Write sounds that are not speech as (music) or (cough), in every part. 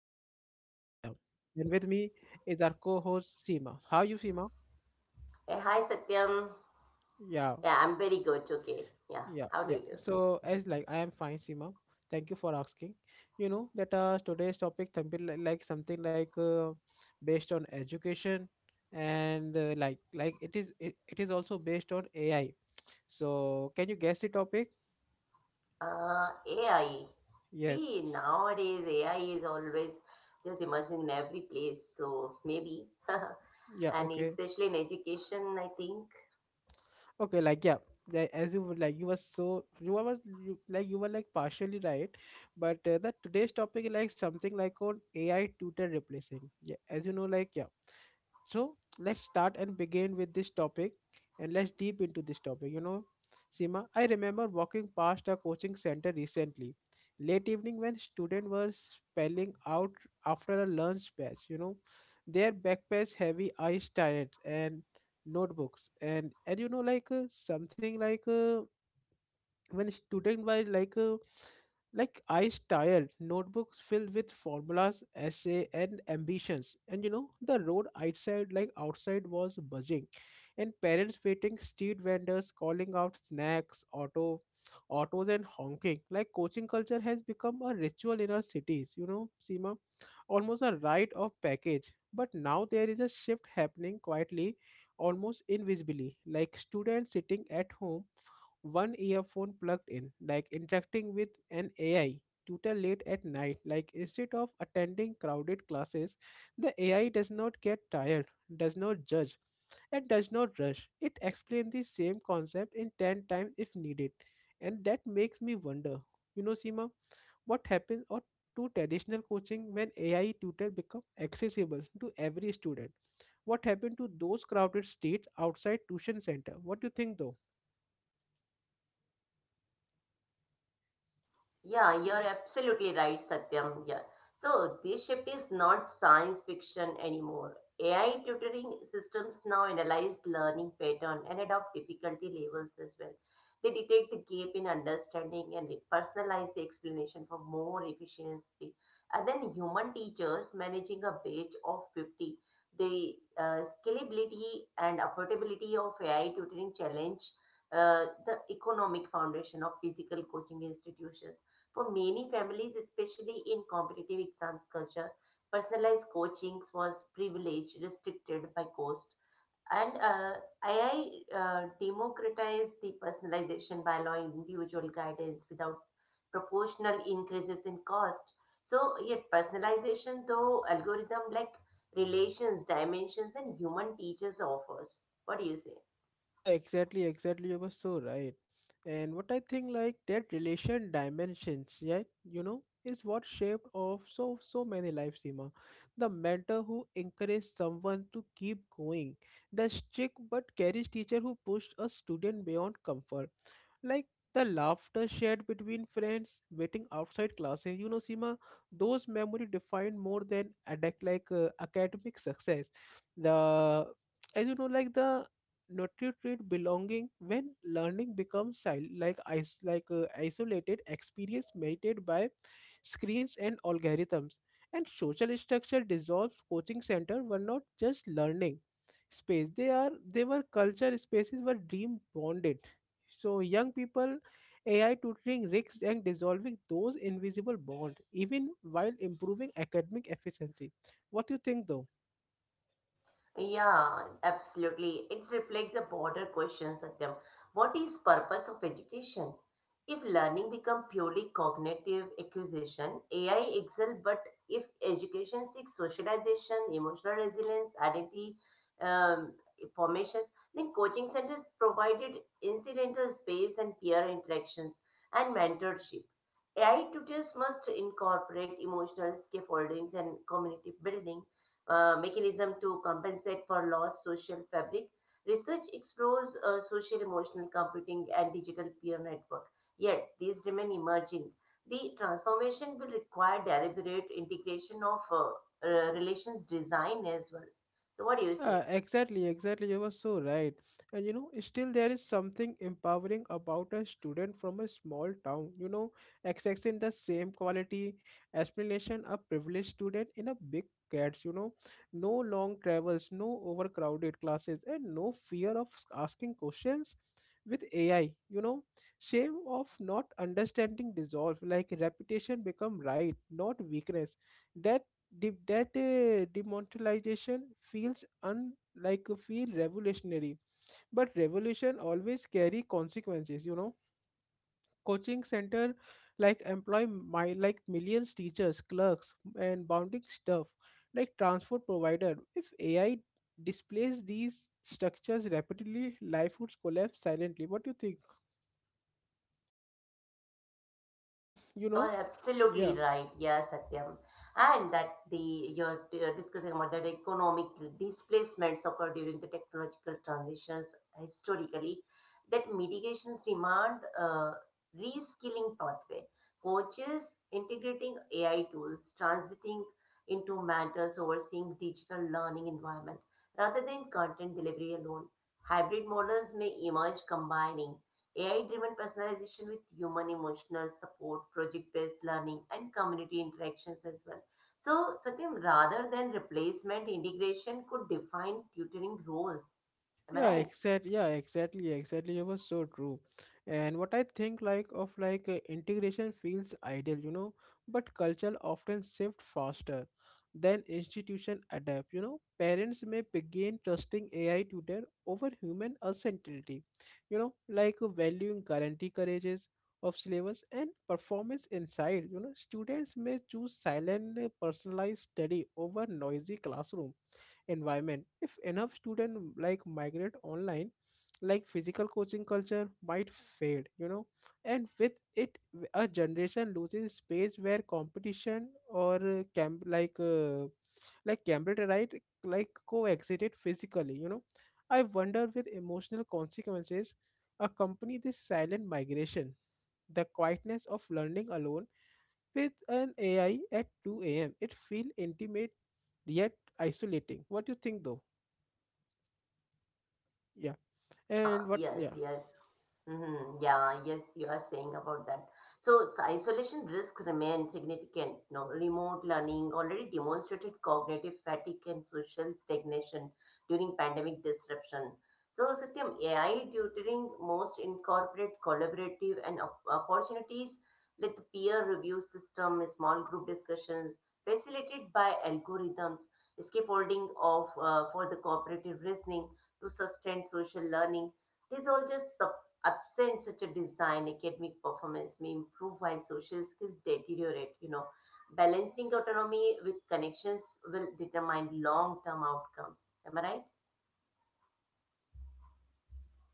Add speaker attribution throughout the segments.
Speaker 1: I'm your host Satyam, and with me is our co-host Seema. How are you, Seema?
Speaker 2: Hi Satyam.
Speaker 1: Yeah,
Speaker 2: Yeah, I'm very good. Okay. Yeah.
Speaker 1: yeah,
Speaker 2: How do you
Speaker 1: yeah.
Speaker 2: do?
Speaker 1: So as like I am fine, Seema. Thank you for asking. You know that today's topic something like something like based on education, and it is also based on AI. So can you guess the topic?
Speaker 2: AI. See,
Speaker 1: Yes.
Speaker 2: nowadays AI is always just emerging in every place. So maybe, (laughs)
Speaker 1: Yeah.
Speaker 2: and
Speaker 1: Okay.
Speaker 2: especially in education, I think.
Speaker 1: Okay, like yeah, as you would like, you were so you were you, like you were like partially right, but the today's topic is like something like on AI tutor replacing. Yeah, as you know, like yeah, So let's start and begin with this topic and let's deep into this topic. You know, Seema, I remember walking past a coaching center recently, late evening when students were spelling out after a lunch batch, you know, their backpacks heavy, eyes tired and notebooks and you know like something like when student were like eyes tired notebooks filled with formulas essay and ambitions, and you know the road outside was buzzing and parents waiting, street vendors calling out snacks, autos and honking. Like coaching culture has become a ritual in our cities, you know, Seema, almost a rite of package. But now there is a shift happening quietly, almost invisibly, like students sitting at home, one earphone plugged in, like interacting with an AI tutor late at night. Like instead of attending crowded classes, the AI does not get tired, does not judge, and does not rush. It explains the same concept in 10 times if needed. And that makes me wonder, you know, Seema, what happens or to traditional coaching when AI tutor become accessible to every student? What happened to those crowded states outside tuition center? What do you think though?
Speaker 2: Yeah, you're absolutely right, Satyam. Yeah. So this shift is not science fiction anymore. AI tutoring systems now analyze learning pattern and adopt difficulty levels as well. They detect the gap in understanding and they personalize the explanation for more efficiency. And then human teachers managing a batch of 50, the scalability and affordability of AI tutoring challenge the economic foundation of physical coaching institutions for many families, especially in competitive exams culture. Personalized coachings was privileged, restricted by cost. And AI democratized the personalization by allowing individual guidance without proportional increases in cost. So, yet personalization, though algorithm like relations, dimensions, and human teachers offers. What do you say?
Speaker 1: Yeah, exactly, exactly. You were so right. And what I think, like that relation dimensions, yeah, you know, is what shaped of so many lives, Seema. The mentor who encouraged someone to keep going, the strict but careless teacher who pushed a student beyond comfort, like the laughter shared between friends waiting outside classes, you know, sima those memory defined more than academic success, the as you know like the nutrient belonging when learning becomes isolated experience mediated by screens and algorithms, and social structure dissolves. Coaching center were not just learning space, they were culture spaces were dream bonded. So young people, AI tutoring risks and dissolving those invisible bonds, even while improving academic efficiency. What do you think, though?
Speaker 2: Yeah, absolutely. It reflects the broader question, Satyam. What is purpose of education? If learning become purely cognitive acquisition, AI excel, but if education seeks socialization, emotional resilience, identity um, formations, then coaching centers provided incidental space and peer interactions and mentorship. AI tutors must incorporate emotional scaffoldings and community building mechanism to compensate for lost social fabric. Research explores social emotional computing and digital peer network, yet these remain emerging. The transformation will require deliberate integration of relations design as well. So, what do you
Speaker 1: Yeah,
Speaker 2: say?
Speaker 1: exactly, exactly. You were so right. And you know, still there is something empowering about a student from a small town, you know, accessing the same quality explanation a privileged student in a big cats, you know, no long travels, no overcrowded classes, and no fear of asking questions with AI, you know, shame of not understanding dissolve, like reputation become right, not weakness. That demonetization feels un- like a feel revolutionary, but revolution always carry consequences, you know. Coaching center, like employ my like millions teachers, clerks and bounding stuff, like transport provider. If AI displays these structures rapidly, life would collapse silently. What do you think, you know?
Speaker 2: You're
Speaker 1: yeah
Speaker 2: absolutely right. Yes, Satyam. And that the you're discussing about that economic displacements occur during the technological transitions historically, that mitigations demand reskilling pathway. Coaches integrating AI tools, transiting into mentors overseeing digital learning environment rather than content delivery alone. Hybrid models may emerge combining AI driven personalization with human emotional support, project based learning, and community interactions as well. So, Satyam, rather than replacement, integration could define tutoring roles. Am I
Speaker 1: yeah
Speaker 2: right?
Speaker 1: exactly yeah exactly exactly It was so true, and what I think, like integration feels ideal, you know, but culture often shift faster than institution adapt, you know. Parents may begin trusting AI tutor over human uncertainty, you know, valuing guarantee courages of syllabus and performance inside, you know. Students may choose silent personalized study over noisy classroom environment. If enough student like migrate online, like physical coaching culture might fade, you know, and with it a generation loses space where competition or camp like cambridge right like coexisted physically, you know. I wonder with emotional consequences accompany this silent migration, the quietness of learning alone with an ai at 2 a.m. it feel intimate yet isolating. What do you think, though? Yeah.
Speaker 2: Yeah,
Speaker 1: And what
Speaker 2: yes,
Speaker 1: yeah.
Speaker 2: yes. Mm-hmm. Yeah, yes, you are saying about that. So, isolation risks remain significant. No, remote learning already demonstrated cognitive fatigue and social stagnation during pandemic disruption. So, Satyam, AI tutoring most incorporate collaborative and opportunities like the peer review system, small group discussions facilitated by algorithms, scaffolding of for the cooperative reasoning to sustain social learning. These all just absent such a design, academic performance may improve while social skills deteriorate. You know, balancing autonomy with connections will determine long term outcomes. Am I right?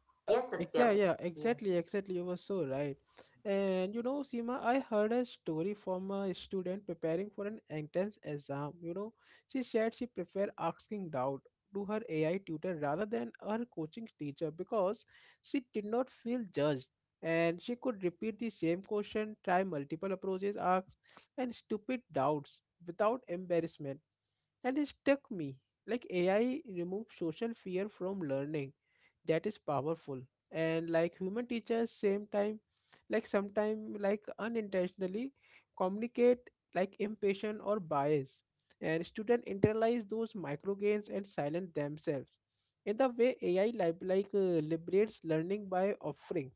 Speaker 1: Yeah,
Speaker 2: Yes, Satyam.
Speaker 1: exactly. Yeah,
Speaker 2: Yeah.
Speaker 1: exactly, exactly. You were so right. And you know, Seema, I heard a story from a student preparing for an entrance exam. You know, she said she preferred asking doubt to her AI tutor rather than her coaching teacher because she did not feel judged. And she could repeat the same question, try multiple approaches, ask, and stupid doubts without embarrassment. And it stuck me. Like AI removes social fear from learning. That is powerful. And like human teachers, same time, like sometime like unintentionally communicate like impatient or bias. And student internalize those micro gains and silence themselves. In the way AI liberates learning by offering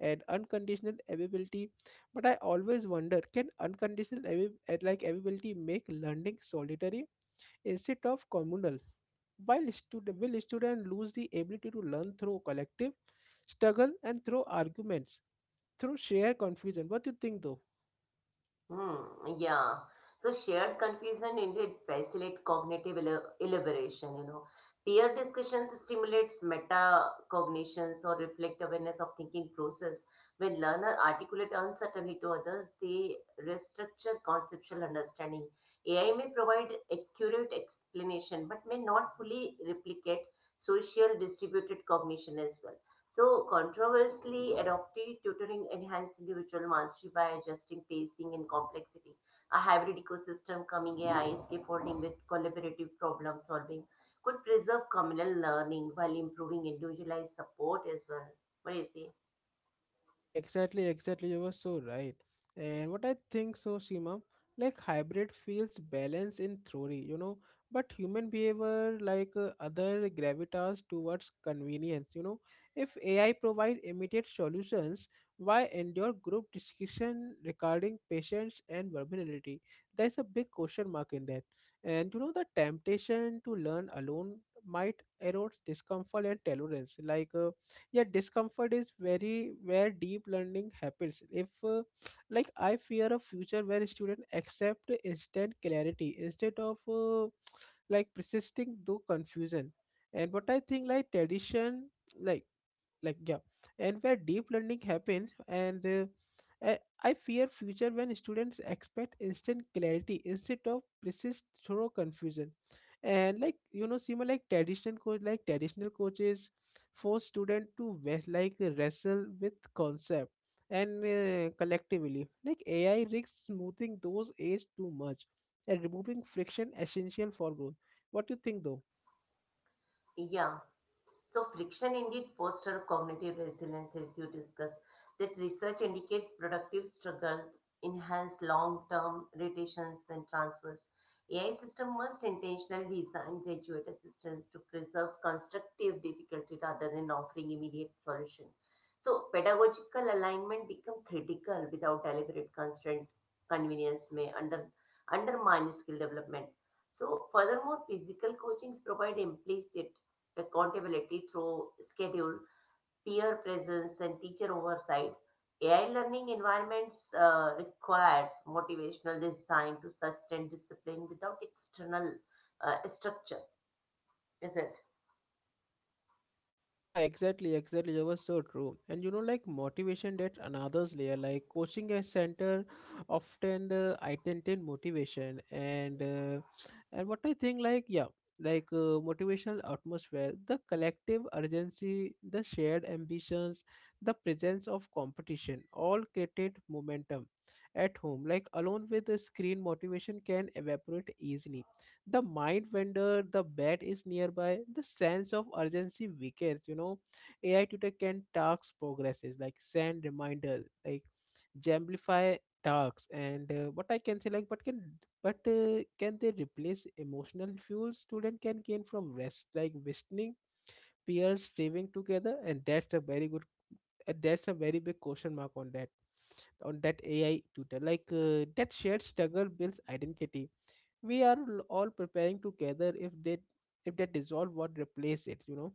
Speaker 1: and unconditional availability. But I always wonder, can unconditional availability make learning solitary instead of communal? Will students lose the ability to learn through collective struggle and through arguments, through shared confusion? What do you think, though?
Speaker 2: Hmm, yeah. So shared confusion indeed facilitate cognitive elaboration, you know. Peer discussions stimulates metacognitions or reflect awareness of thinking process. When learner articulate uncertainty to others, they restructure conceptual understanding. AI may provide accurate explanation but may not fully replicate social distributed cognition as well. So, controversially, adaptive tutoring enhanced individual mastery by adjusting pacing and complexity. A hybrid ecosystem coming AI is scaffolding with collaborative problem solving could preserve communal learning while improving individualized support as well. What do you say?
Speaker 1: Yeah, exactly, exactly. You were so right. And what I think so, Seema, like hybrid feels balance in theory, you know, but human behavior other gravitas towards convenience, you know. If AI provide immediate solutions, why endure group discussion regarding patience and versatility? There's a big question mark in that. And you know, the temptation to learn alone might erode discomfort and tolerance. Yeah, discomfort is very where deep learning happens. If like I fear a future where students accept instant clarity instead of persisting through confusion. And what I think like tradition like like yeah and where deep learning happens, and uh, I fear future when students expect instant clarity instead of persist thorough confusion. And like you know, similar like traditional coaches force student to wrestle with concept and collectively. Like AI risks smoothing those aids too much and removing friction essential for growth. What do you think, though?
Speaker 2: Yeah. So friction indeed fosters cognitive resilience as you discussed. That research indicates productive struggles enhance long-term rotations and transfers. AI system must intentionally design graduate assistance to preserve constructive difficulty rather than offering immediate solution. So pedagogical alignment become critical without deliberate constraint. Convenience may under, undermine skill development. So, furthermore, physical coachings provide implicit accountability through schedule, peer presence, and teacher oversight. AI learning environments requires motivational design to sustain discipline without external structure, is it?
Speaker 1: Yeah, exactly, exactly. That was so true. And you know, like motivation, that another's layer. Like coaching a center often identity motivation and what I think, like motivational atmosphere, the collective urgency, the shared ambitions, the presence of competition, all created momentum at home. Like alone with the screen, motivation can evaporate easily, the mind wonder, the bat is nearby, the sense of urgency weakens, you know. AI tutor can task progresses, like send reminders, like jamplify tasks, and what I can say like but can they replace emotional fuel student can gain from rest, like listening peers streaming together? And that's a very good, that's a very big question mark on that, on that AI tutor, like that shared struggle builds identity. We are all preparing together. If they, if they dissolve, what replace it, you know?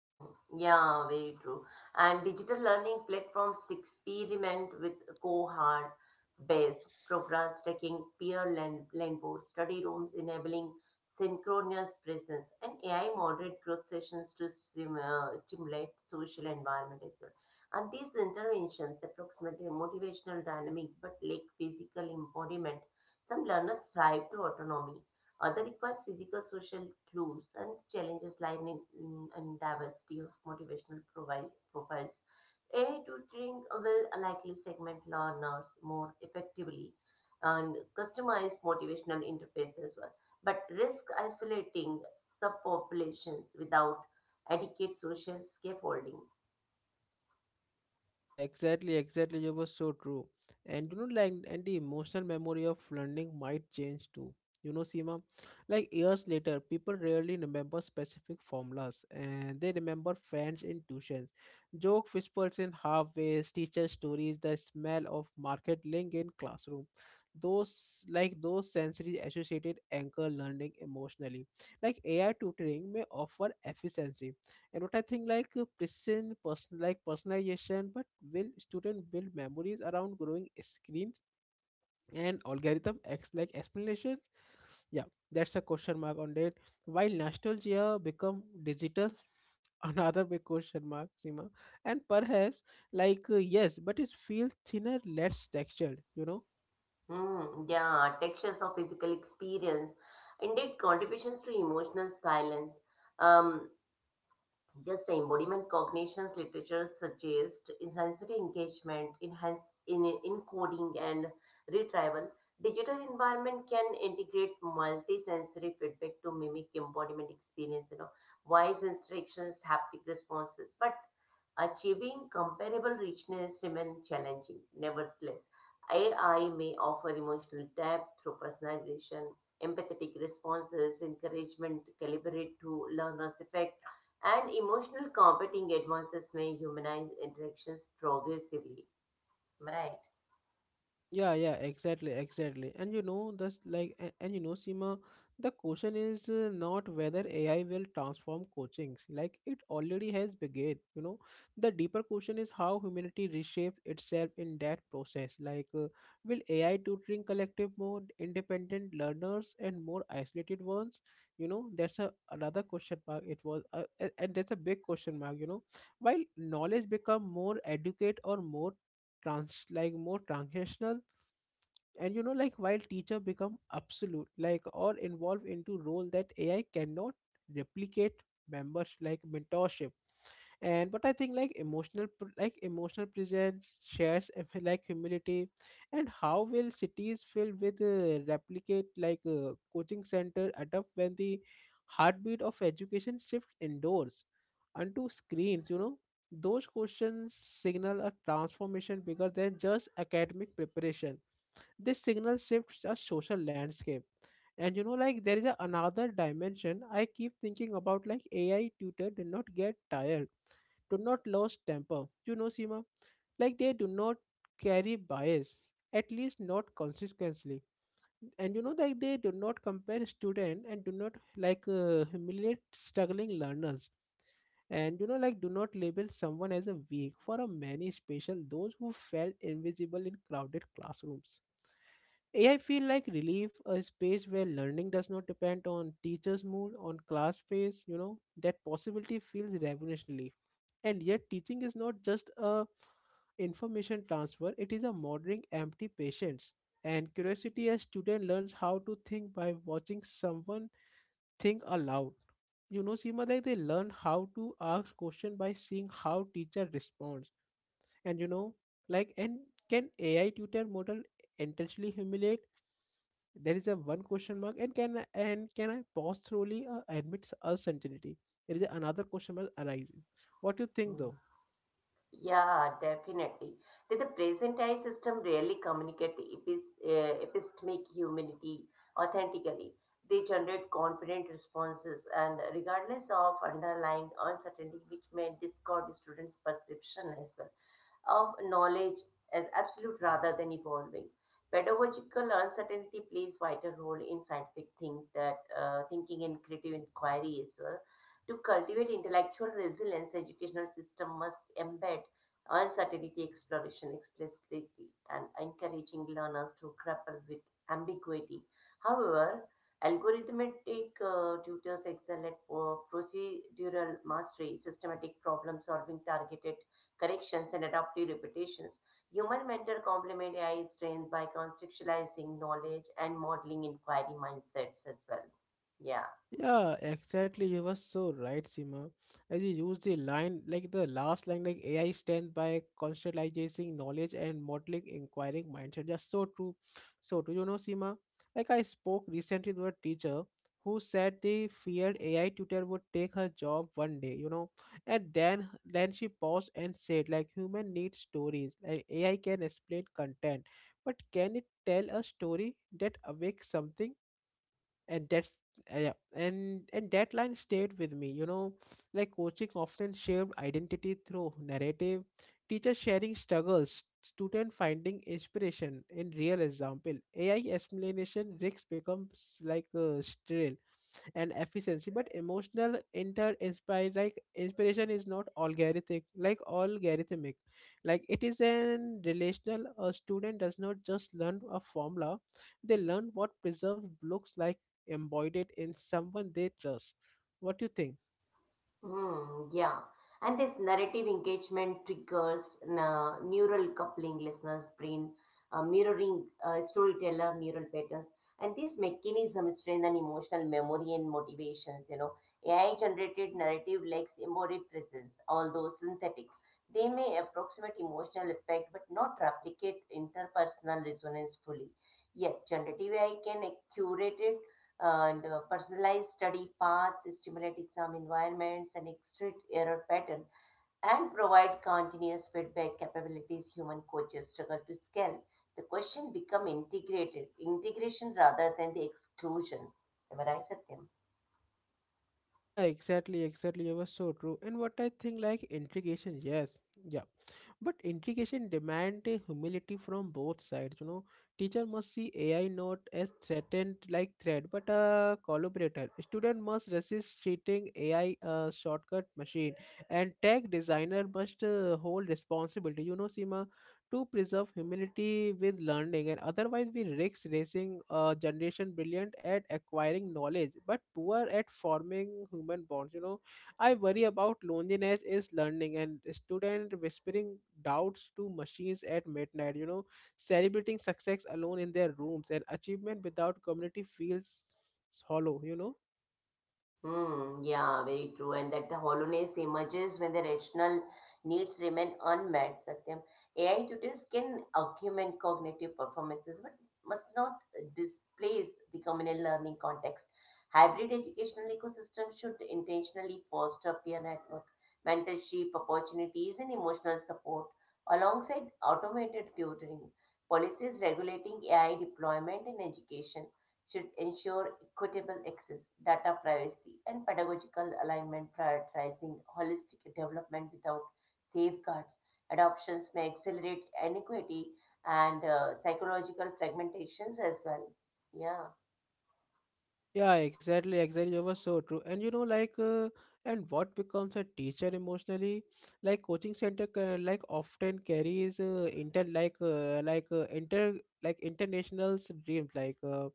Speaker 2: Hmm, yeah, very true. And digital learning platforms experiment with cohort-based programs, taking peer land, land board study rooms, enabling synchronous presence, and AI moderate group sessions to stimulate social environment as well. And these interventions approximate a motivational dynamic but lack physical embodiment. Some learners strive to autonomy, other requires physical, social clues and challenges lying in, in diversity of motivational profiles. A tutoring will likely segment learners more effectively and customize motivational interface as well, but risk isolating subpopulations without adequate social scaffolding.
Speaker 1: Yeah, exactly, exactly. You was so true. And you know, like, and the emotional memory of learning might change too. You know, Seema, like years later, people rarely remember specific formulas and they remember friends in tuitions, joke whispers in halfways, teacher stories, the smell of market link in classroom. Those, like, those sensory associated anchor learning emotionally. Like, AI tutoring may offer efficiency and what I think like personalization. But will student build memories around growing screens and algorithm acts like explanations? Yeah, that's a question mark on that while nostalgia become digital. (laughs) Another big question mark, Seema. And perhaps yes, but it feels thinner, less textured, you know.
Speaker 2: Hmm, yeah, textures of physical experience, indeed, contributions to emotional silence. um, Yes, embodiment cognitions literature suggests sensory engagement, enhance in encoding and retrieval. Digital environment can integrate multisensory feedback to mimic embodiment experience, you know, voice instructions, haptic responses. But achieving comparable richness remains challenging. Nevertheless, AI may offer emotional depth through personalization, empathetic responses, encouragement calibrated to learner's effect, and emotional competing advances may humanize interactions progressively. Right.
Speaker 1: Yeah, yeah, exactly, exactly. And you know, that's like, and you know, Seema, the question is not whether AI will transform coachings, like it already has begun. You know, the deeper question is how humanity reshapes itself in that process. Like, will AI tutoring collective more independent learners and more isolated ones? You know, that's a another question mark. It was, and that's a big question mark. You know, while knowledge become more educate or more trans like more transactional. And you know, like while teacher become absolute, like or involved into role that AI cannot replicate, members like mentorship. And but I think like emotional presence shares and feel (laughs) like humility. And how will cities filled with replicate like coaching center adapt when the heartbeat of education shifts indoors onto screens, you know? Those questions signal a transformation bigger than just academic preparation. This signal shifts a social landscape. And you know, like there is a, another dimension I keep thinking about, like AI tutor do not get tired, do not lose temper. You know, Seema, like they do not carry bias, at least not consistently. And you know, like they do not compare student and do not humiliate struggling learners. And you know, like do not label someone as a weak for a many special those who felt invisible in crowded classrooms. AI feel like relief, a space where learning does not depend on teacher's mood, on class pace, you know. That possibility feels revolutionary. And yet, teaching is not just a information transfer, it is a modeling empty patience and curiosity as student learns how to think by watching someone think aloud. You know, Seema, like they learn how to ask question by seeing how teacher responds. And you know, like and can AI tutor model intentionally humiliate? There is a one question mark. And can I pause thoroughly admit a certainty? There is another question mark arises. What do you think though?
Speaker 2: Mm. Yeah, definitely. That the present-day system rarely communicate epistemic humanity authentically. They generate confident responses and regardless of underlying uncertainty, which may distort the students' perception as well of knowledge as absolute rather than evolving. Pedagogical uncertainty plays vital role in scientific thinking and creative inquiry as well. To cultivate intellectual resilience, educational system must embed uncertainty exploration explicitly and encouraging learners to grapple with ambiguity. However, algorithmic tutors excel at procedural mastery, systematic problem solving, targeted corrections, and adaptive repetitions. Human mentor complement AI strength by contextualizing knowledge and modeling inquiry mindsets as well. Yeah.
Speaker 1: Yeah, exactly. You were so right, Sima. As you use the line, like the last line, like AI stands by conceptualizing knowledge and modeling inquiring mindset. Just so true. So, do you know, Sima? Like I spoke recently to a teacher who said the feared AI tutor would take her job one day, you know. And then she paused and said, like human need stories. Like AI can explain content, but can it tell a story that awakes something? And that's yeah, and that line stayed with me, you know. Like coaching often shaped identity through narrative, teachers sharing struggles, student finding inspiration in real example. AI explanation risks becomes like a sterile and efficiency, but emotional inter inspire like inspiration is not algorithmic, it is an relational. A student does not just learn a formula, they learn what preserved looks like, embodied in someone they trust. What do you think?
Speaker 2: Hmm, yeah. And this narrative engagement triggers na neural coupling listeners' brain, mirroring storyteller neural patterns. And these mechanisms strengthen emotional memory and motivations. You know, AI-generated narrative lacks embodied presence, although synthetic. They may approximate emotional effect, but not replicate interpersonal resonance fully. Yet, generative AI can curate and personalized study paths, stimulate exam environments, and exit error pattern, and provide continuous feedback capabilities human coaches struggle to scale. The question become integrated, integration rather than the exclusion. Am I right, Satyam?
Speaker 1: Yeah, exactly, you were so true. And what I think, like integration, yes, yeah. But integration demand a humility from both sides. You know, teacher must see AI not as threat, but a collaborator. Student must resist treating AI a shortcut machine, and tech designer must hold responsibility. You know, Sima, to preserve humility with learning, and otherwise we risk raising a generation brilliant at acquiring knowledge, but poor at forming human bonds. You know, I worry about loneliness is learning and student whispering doubts to machines at midnight, you know, celebrating success alone in their rooms, and achievement without community feels hollow, you know.
Speaker 2: Hmm, yeah, very true. And that the hollowness emerges when the rational needs remain unmet, Satyam. AI tutors can augment cognitive performances but must not displace the communal learning context. Hybrid educational ecosystem should intentionally foster peer network, mentorship opportunities, and emotional support alongside automated tutoring. Policies regulating AI deployment in education should ensure equitable access, data privacy, and pedagogical alignment, prioritizing holistic development without safeguards. Adoptions may accelerate inequity and psychological fragmentations as well. Yeah.
Speaker 1: Yeah, exactly. You were so true. And you know, and what becomes a teacher emotionally, like coaching center, often carries inter, like inter, like international's dreams, like, uh,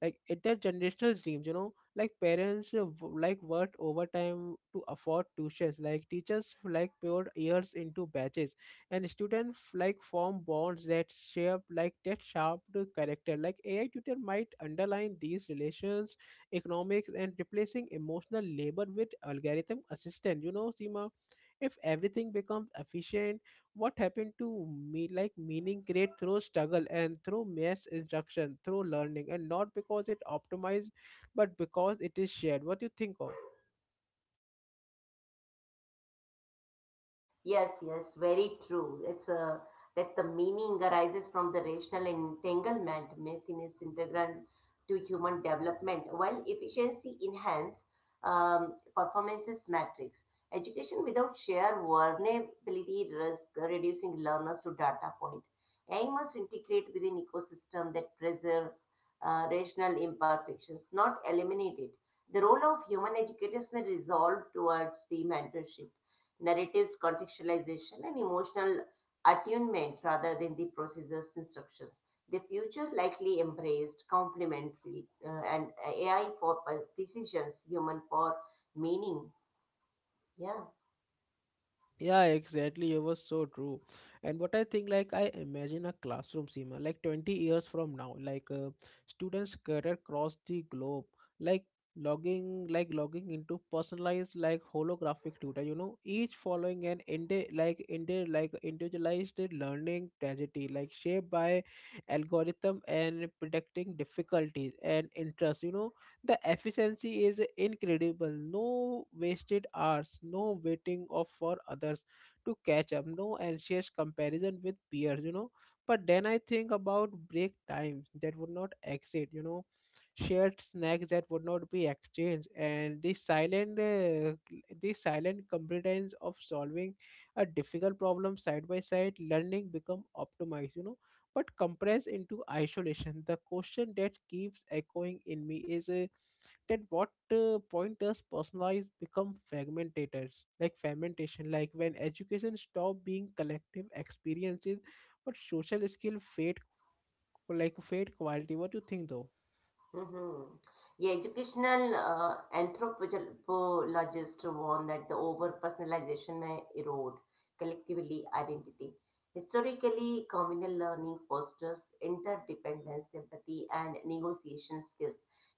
Speaker 1: like intergenerational dreams. You know, like parents worked overtime to afford tuitions, like teachers like poured years into batches, and students like form bonds that shape like that sharp character. Like AI tutor might underline these relations economics and replacing emotional labor with algorithm assistant, you know, Seema. If everything becomes efficient, what happened to me like meaning create through struggle and through mass instruction through learning, and not because it optimized, but because it is shared. What do you think of?
Speaker 2: Yes, yes, very true. That the meaning arises from the rational entanglement. Medicine is integral to human development, while efficiency enhance performances metrics. Education without shared vulnerability risk reducing learners to data point. AI must integrate within ecosystem that preserve rational imperfections, not eliminate it. The role of human educators may resolve towards the mentorship narratives, contextualization, and emotional attunement rather than the processor's instructions. The future likely embraced complementary and AI for precision, human for meaning. Yeah.
Speaker 1: Yeah, exactly. It was so true. And what I think, like, I imagine a classroom, Seema, like 20 years from now, students scattered across the globe, like, logging into personalized, like, holographic tutor, you know, each following an, individualized learning tragedy, like, shaped by algorithm and predicting difficulties and interests, you know. The efficiency is incredible. No wasted hours, no waiting of for others to catch up, no anxious comparison with peers, you know. But then I think about break times that would not exit, you know, shared snacks that would not be exchanged, and the silent competence of solving a difficult problem side by side. Learning become optimized, you know, but compressed into isolation. The question that keeps echoing in me is at what point does personalized become fragmentators like fragmentation, like when education stop being collective experiences, but social skill fade quality. What do you think though?
Speaker 2: Mhm. Yeah, educational anthropologists warn that the over personalization may erode collectively identity. Historically, communal learning fosters interdependence, empathy, and negotiation skills,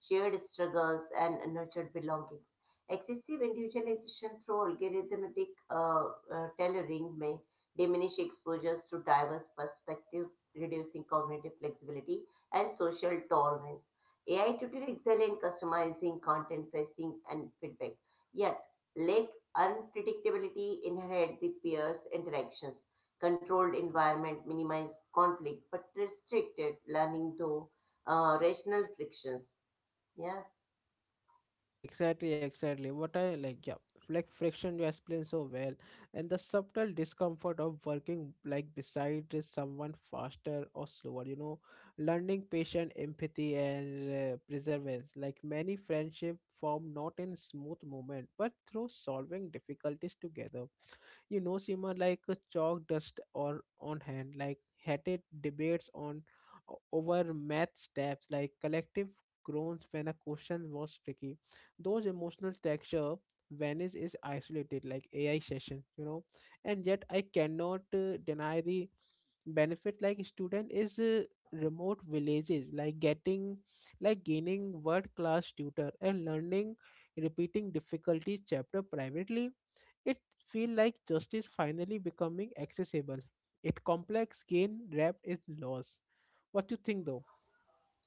Speaker 2: shared struggles, and nurtured belongings. Excessive individualization through algorithmic tailoring may diminish exposures to diverse perspectives, reducing cognitive flexibility and social tolerance. AI tutor excel in customizing content, pricing, and feedback, yet lack unpredictability inherent the peers' interactions. Controlled environment minimize conflict, but restricted learning through rational frictions. Yeah.
Speaker 1: Yeah, exactly. What I like, yeah, like Friction you explain so well, and the subtle discomfort of working like beside is someone faster or slower. You know, learning patient empathy and perseverance. Like many friendship form not in smooth movement, but through solving difficulties together, you know, Seema. Like a chalk dust or on hand, like heated debates on over math steps, like collective groans when a question was tricky. Those emotional texture venice is isolated, like AI session, you know. And yet I cannot deny the benefit. Like student is remote villages, like getting like gaining world class tutor and learning repeating difficulty chapter privately, it feel like justice finally becoming accessible. It complex gain wrapped in loss. What do you think though?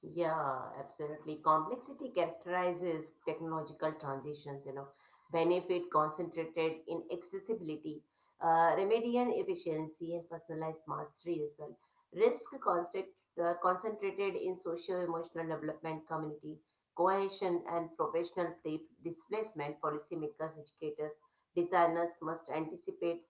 Speaker 2: Yeah, absolutely. Complexity characterizes technological transitions, you know, benefit concentrated in accessibility, remedial efficiency, and personalized mastery as well. Risk concentrated in socio emotional development, community cohesion, and professional displacement. Policymakers, educators, designers must anticipate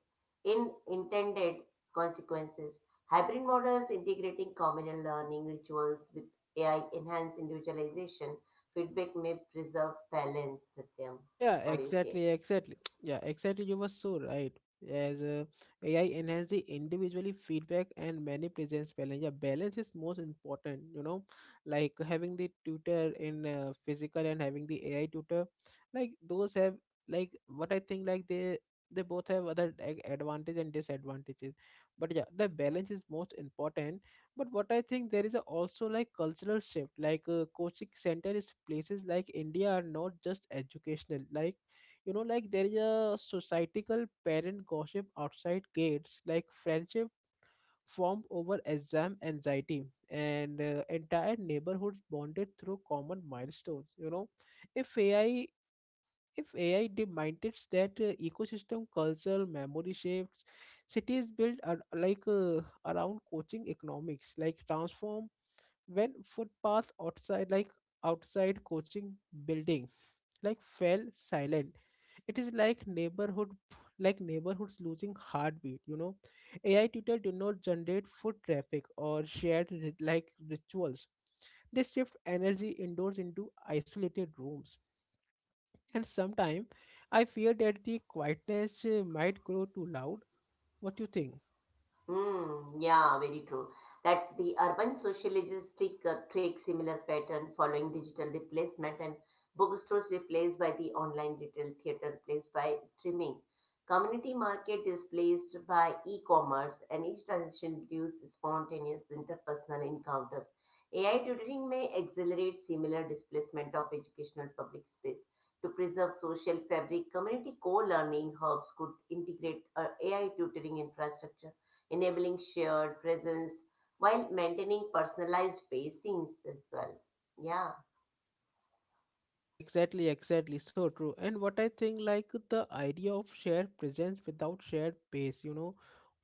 Speaker 2: in intended consequences. Hybrid models integrating communal learning rituals with AI enhance individualization, feedback may preserve balance, Satyam.
Speaker 1: Yeah,
Speaker 2: What do you say?
Speaker 1: exactly. (tsk) Yeah, exactly. You were so right. As AI enhance the individually feedback and many presence balance. Yeah, balance is most important. You know, like having the tutor in physical and having the AI tutor, like those have like what I think, like they both have other like advantage and disadvantages. But yeah, the balance is most important. But what I think, there is a also like cultural shift, like coaching center is places like India are not just educational, like, you know, like there is a societal parent gossip outside gates, like friendship formed over exam anxiety, and entire neighborhoods bonded through common milestones, you know. If ai if AI demands that ecosystem cultural memory shapes cities built around coaching economics like transform. When footpath outside coaching building like fell silent, it is like neighborhoods losing heartbeat, you know. AI tutor do not generate foot traffic or shared rituals. They shift energy indoors into isolated rooms. And sometimes I fear that the quietness might grow too loud. What do you think?
Speaker 2: Hmm, yeah, very true. That the urban sociologistic take similar pattern following digital replacement, and bookstores replaced by the online retail, theater replaced by streaming, community market displaced by e-commerce, and each transition produces spontaneous interpersonal encounters. AI tutoring may accelerate similar displacement of educational public space. To preserve social fabric, community co-learning hubs could integrate AI tutoring infrastructure enabling shared presence while maintaining personalized pacings as well. Yeah.
Speaker 1: Yeah, exactly. So true. And what I think, like the idea of shared presence without shared pace, you know,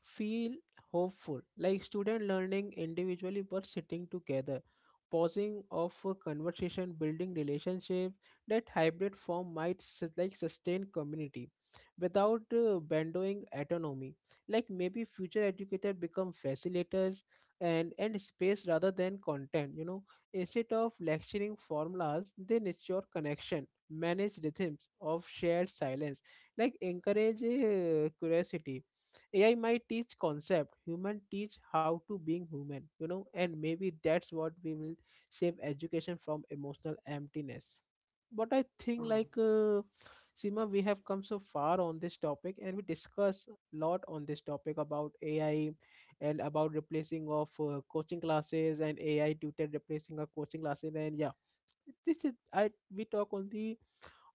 Speaker 1: feel hopeful. Like student learning individually but sitting together, pausing of a conversation, building relationship. That hybrid form might sustain community without bandowing autonomy. Like maybe future educators become facilitators and space rather than content. You know, instead of lecturing formulas, they nurture connection, manage rhythms of shared silence, like encourage curiosity. AI might teach concept, human teach how to being human, you know, and maybe that's what we will save education from emotional emptiness. But I think like
Speaker 2: Hmm.
Speaker 1: sima we have come so far on this topic and we discuss a lot on this topic about AI, and about replacing of coaching classes and AI tutor replacing our coaching classes. And yeah, this is I we talk on the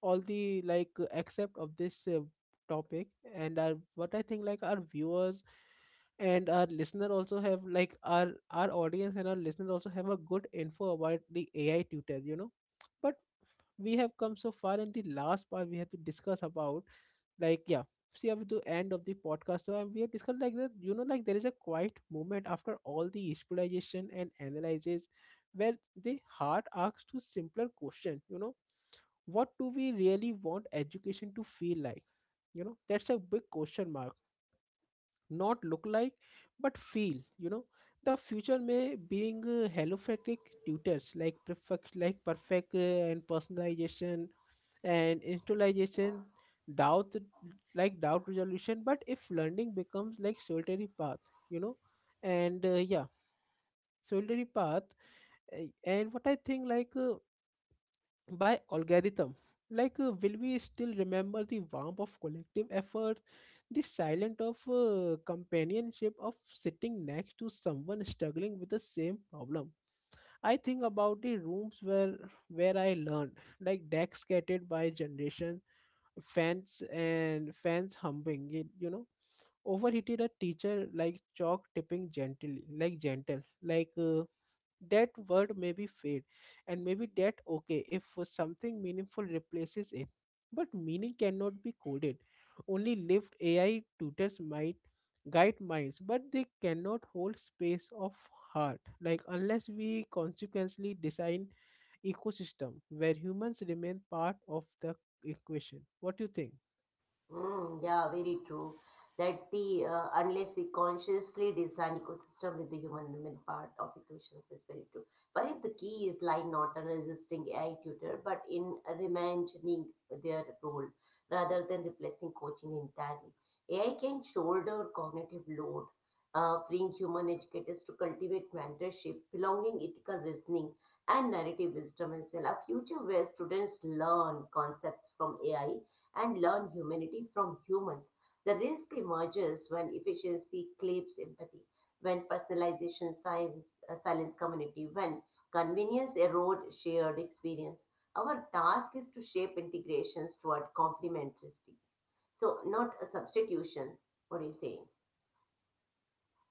Speaker 1: all the like except of this topic. And our, what I think, like our viewers and our listener also have like our audience and our listener also have a good info about the AI tutor, you know. But we have come so far and the last part we have to discuss about, like, yeah, see up to end of the podcast. So we have discussed like that, you know, like there is a quiet moment after all the exploration and analysis where the heart asks to simpler question, you know. What do we really want education to feel like? You know, that's a big question mark. Not look like, but feel, you know. The future may being helophatic tutors, perfect and personalization and intelligence doubt, doubt resolution. But if learning becomes like solitary path, you know, and yeah, solitary path, and what I think, like, by algorithm, like, will we still remember the warmth of collective efforts, the silent of companionship of sitting next to someone struggling with the same problem? I think about the rooms where I learned, like decks scattered by generation, fans and fans humping it, you know, overheated a teacher, like chalk tipping gently, like gentle like that word maybe fade. And maybe that okay if something meaningful replaces it, but meaning cannot be coded, only lived. AI tutors might guide minds, but they cannot hold space of heart. Like, unless we consequently design ecosystem where humans remain part of the equation. What do you think?
Speaker 2: Mm, yeah, very true. That the unless we consciously design ecosystem with the human element part of equations is very true. Perhaps the key is lying not on resisting AI tutor, but in reimagining their role rather than replacing coaching entirely. AI can shoulder cognitive load, freeing human educators to cultivate mentorship, belonging, ethical reasoning, and narrative wisdom, and sell a future where students learn concepts from AI and learn humanity from humans. The risk emerges when efficiency claims empathy, when personalization science, silence community, when convenience erodes shared experience. Our task is to shape integrations toward complementarity, so not substitutions. What are you saying?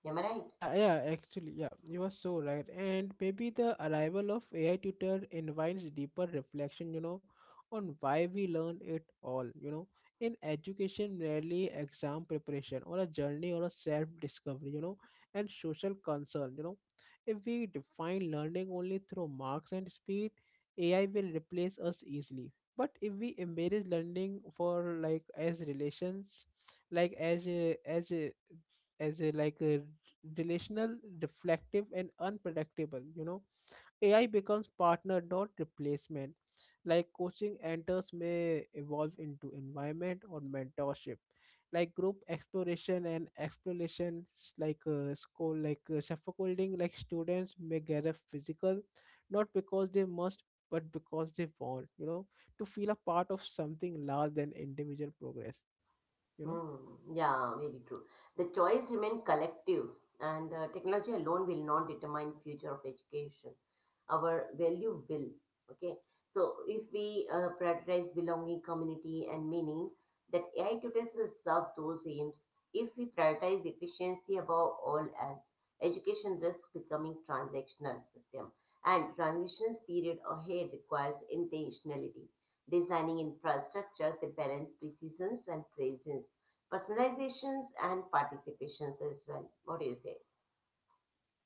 Speaker 2: Am I right?
Speaker 1: Yeah, Actually, yeah, you are so right. And maybe the arrival of AI tutor invites deeper reflection, you know, on why we learn it all, you know. In education, rarely exam preparation or a journey or a self-discovery, you know, and social concern, you know. If we define learning only through marks and speed, AI will replace us easily. But if we embrace learning for like as relations, like as a, as a as a like a relational, reflective, and unpredictable. You know, AI becomes partner, not replacement. Like coaching enters may evolve into environment or mentorship, like group exploration, school, scaffolding, like students may gather physical, not because they must, but because they want. You know, to feel a part of something larger than individual progress. You know.
Speaker 2: Hmm. Yeah, very true. The choice remain collective, and technology alone will not determine future of education. Our value will. Okay. So if we prioritize belonging, community, and meaning, that AI tutors will serve those aims. If we prioritize efficiency above all else, education risks becoming transactional system. And transitions period ahead requires intentionality, designing infrastructure that balance precision and presence, personalizations and participations as well. What do you say?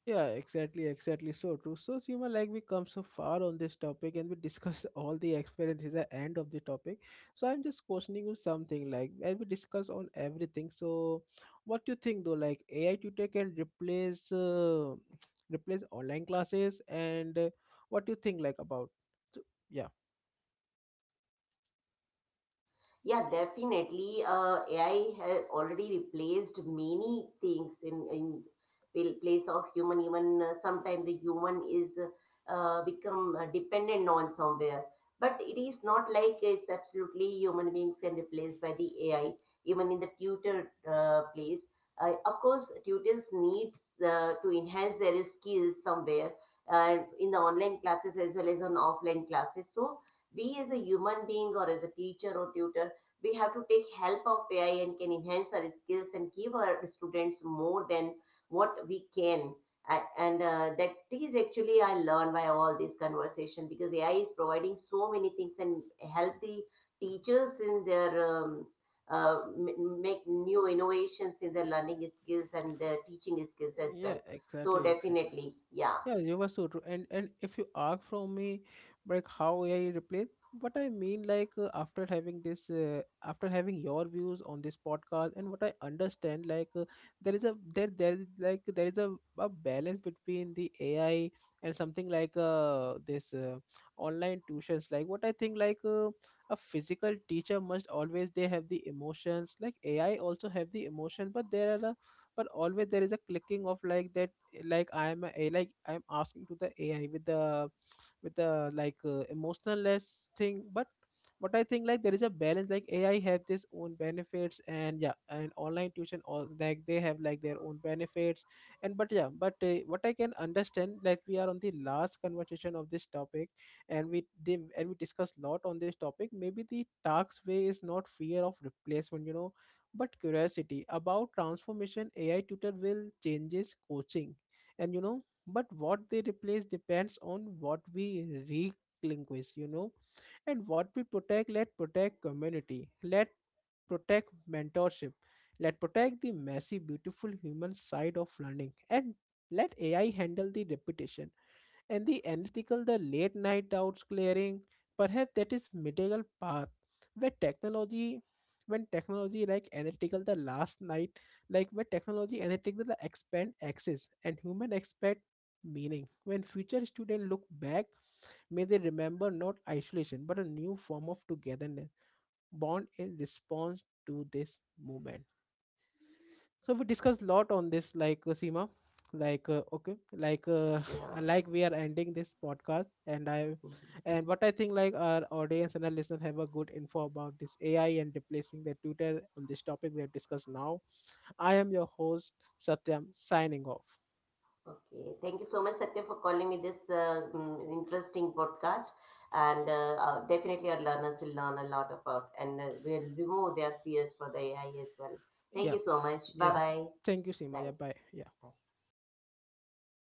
Speaker 1: Yeah, exactly. So true. So, Seema, like we come so far on this topic and we discuss (laughs) all the experiences at end of the topic. So, I'm just questioning you something like as we discuss on everything. So, what do you think though? Like AI tutor can replace (tsk) replace online classes, and what do you think like about? So, yeah,
Speaker 2: Yeah, definitely. AI has already replaced many things in place of human. Even sometimes the human is become dependent on somewhere. But it is not like it's absolutely human beings can replace by the AI. Even in the tutor place, of course, tutors needs to enhance their skills somewhere in the online classes as well as on offline classes. So we as a human being or as a teacher or tutor, we have to take help of AI and can enhance our skills and give our students more than what we can. And that is actually I learned by all this conversation, because AI is providing so many things and help the teachers in their make new innovations in their learning skills and their teaching skills as
Speaker 1: yeah,
Speaker 2: well. So
Speaker 1: exactly.
Speaker 2: definitely, yeah,
Speaker 1: Yeah, you were so true. And if you ask from me, like how AI replace, what I mean, like after having your views on this podcast, and what I understand, like there is a there is a balance between the AI and something like this online tuitions. Like what I think, like a physical teacher must always they have the emotions. Like AI also have the emotion, but there are a but always there is a clicking of like that, like I'm a, like I'm asking to the AI with the emotionalless thing. But I think, like there is a balance, like AI have this own benefits, and yeah, and online tuition all like they have like their own benefits. And but yeah, but what I can understand, like we are on the last conversation of this topic, and we did and we discussed a lot on this topic. Maybe the tax way is not fear of replacement, you know, but curiosity about transformation. AI tutor will changes coaching, and you know, but what they replace depends on what we relinquish, you know. And what we protect, let protect community, let protect mentorship, let protect the messy beautiful human side of learning, and let AI handle the repetition and the unethical, the late night doubts clearing. Perhaps that is middle path, where technology when technology like analytical the last night like where technology analytical the expand access, and human expect meaning. When future students look back, may they remember not isolation, but a new form of togetherness born in response to this movement. So we discussed a lot on this, like Seema, okay, (sighs)
Speaker 2: yeah.
Speaker 1: like we are ending this podcast. and i
Speaker 2: Mhm.
Speaker 1: and what I think, like our audience and our listener have a good info about this AI and replacing the tutor on this topic we have discussed now. I am your host, Satyam, signing off.
Speaker 2: Okay, thank you so much, Satya, for calling me this interesting podcast. And definitely, our learners will learn a lot about, and will remove their fears for the AI as well. Thank
Speaker 1: yeah
Speaker 2: you so much. Bye
Speaker 1: yeah
Speaker 2: bye.
Speaker 1: thank you, Seema. Yeah,
Speaker 2: Bye.
Speaker 1: bye, yeah.
Speaker 2: Bye.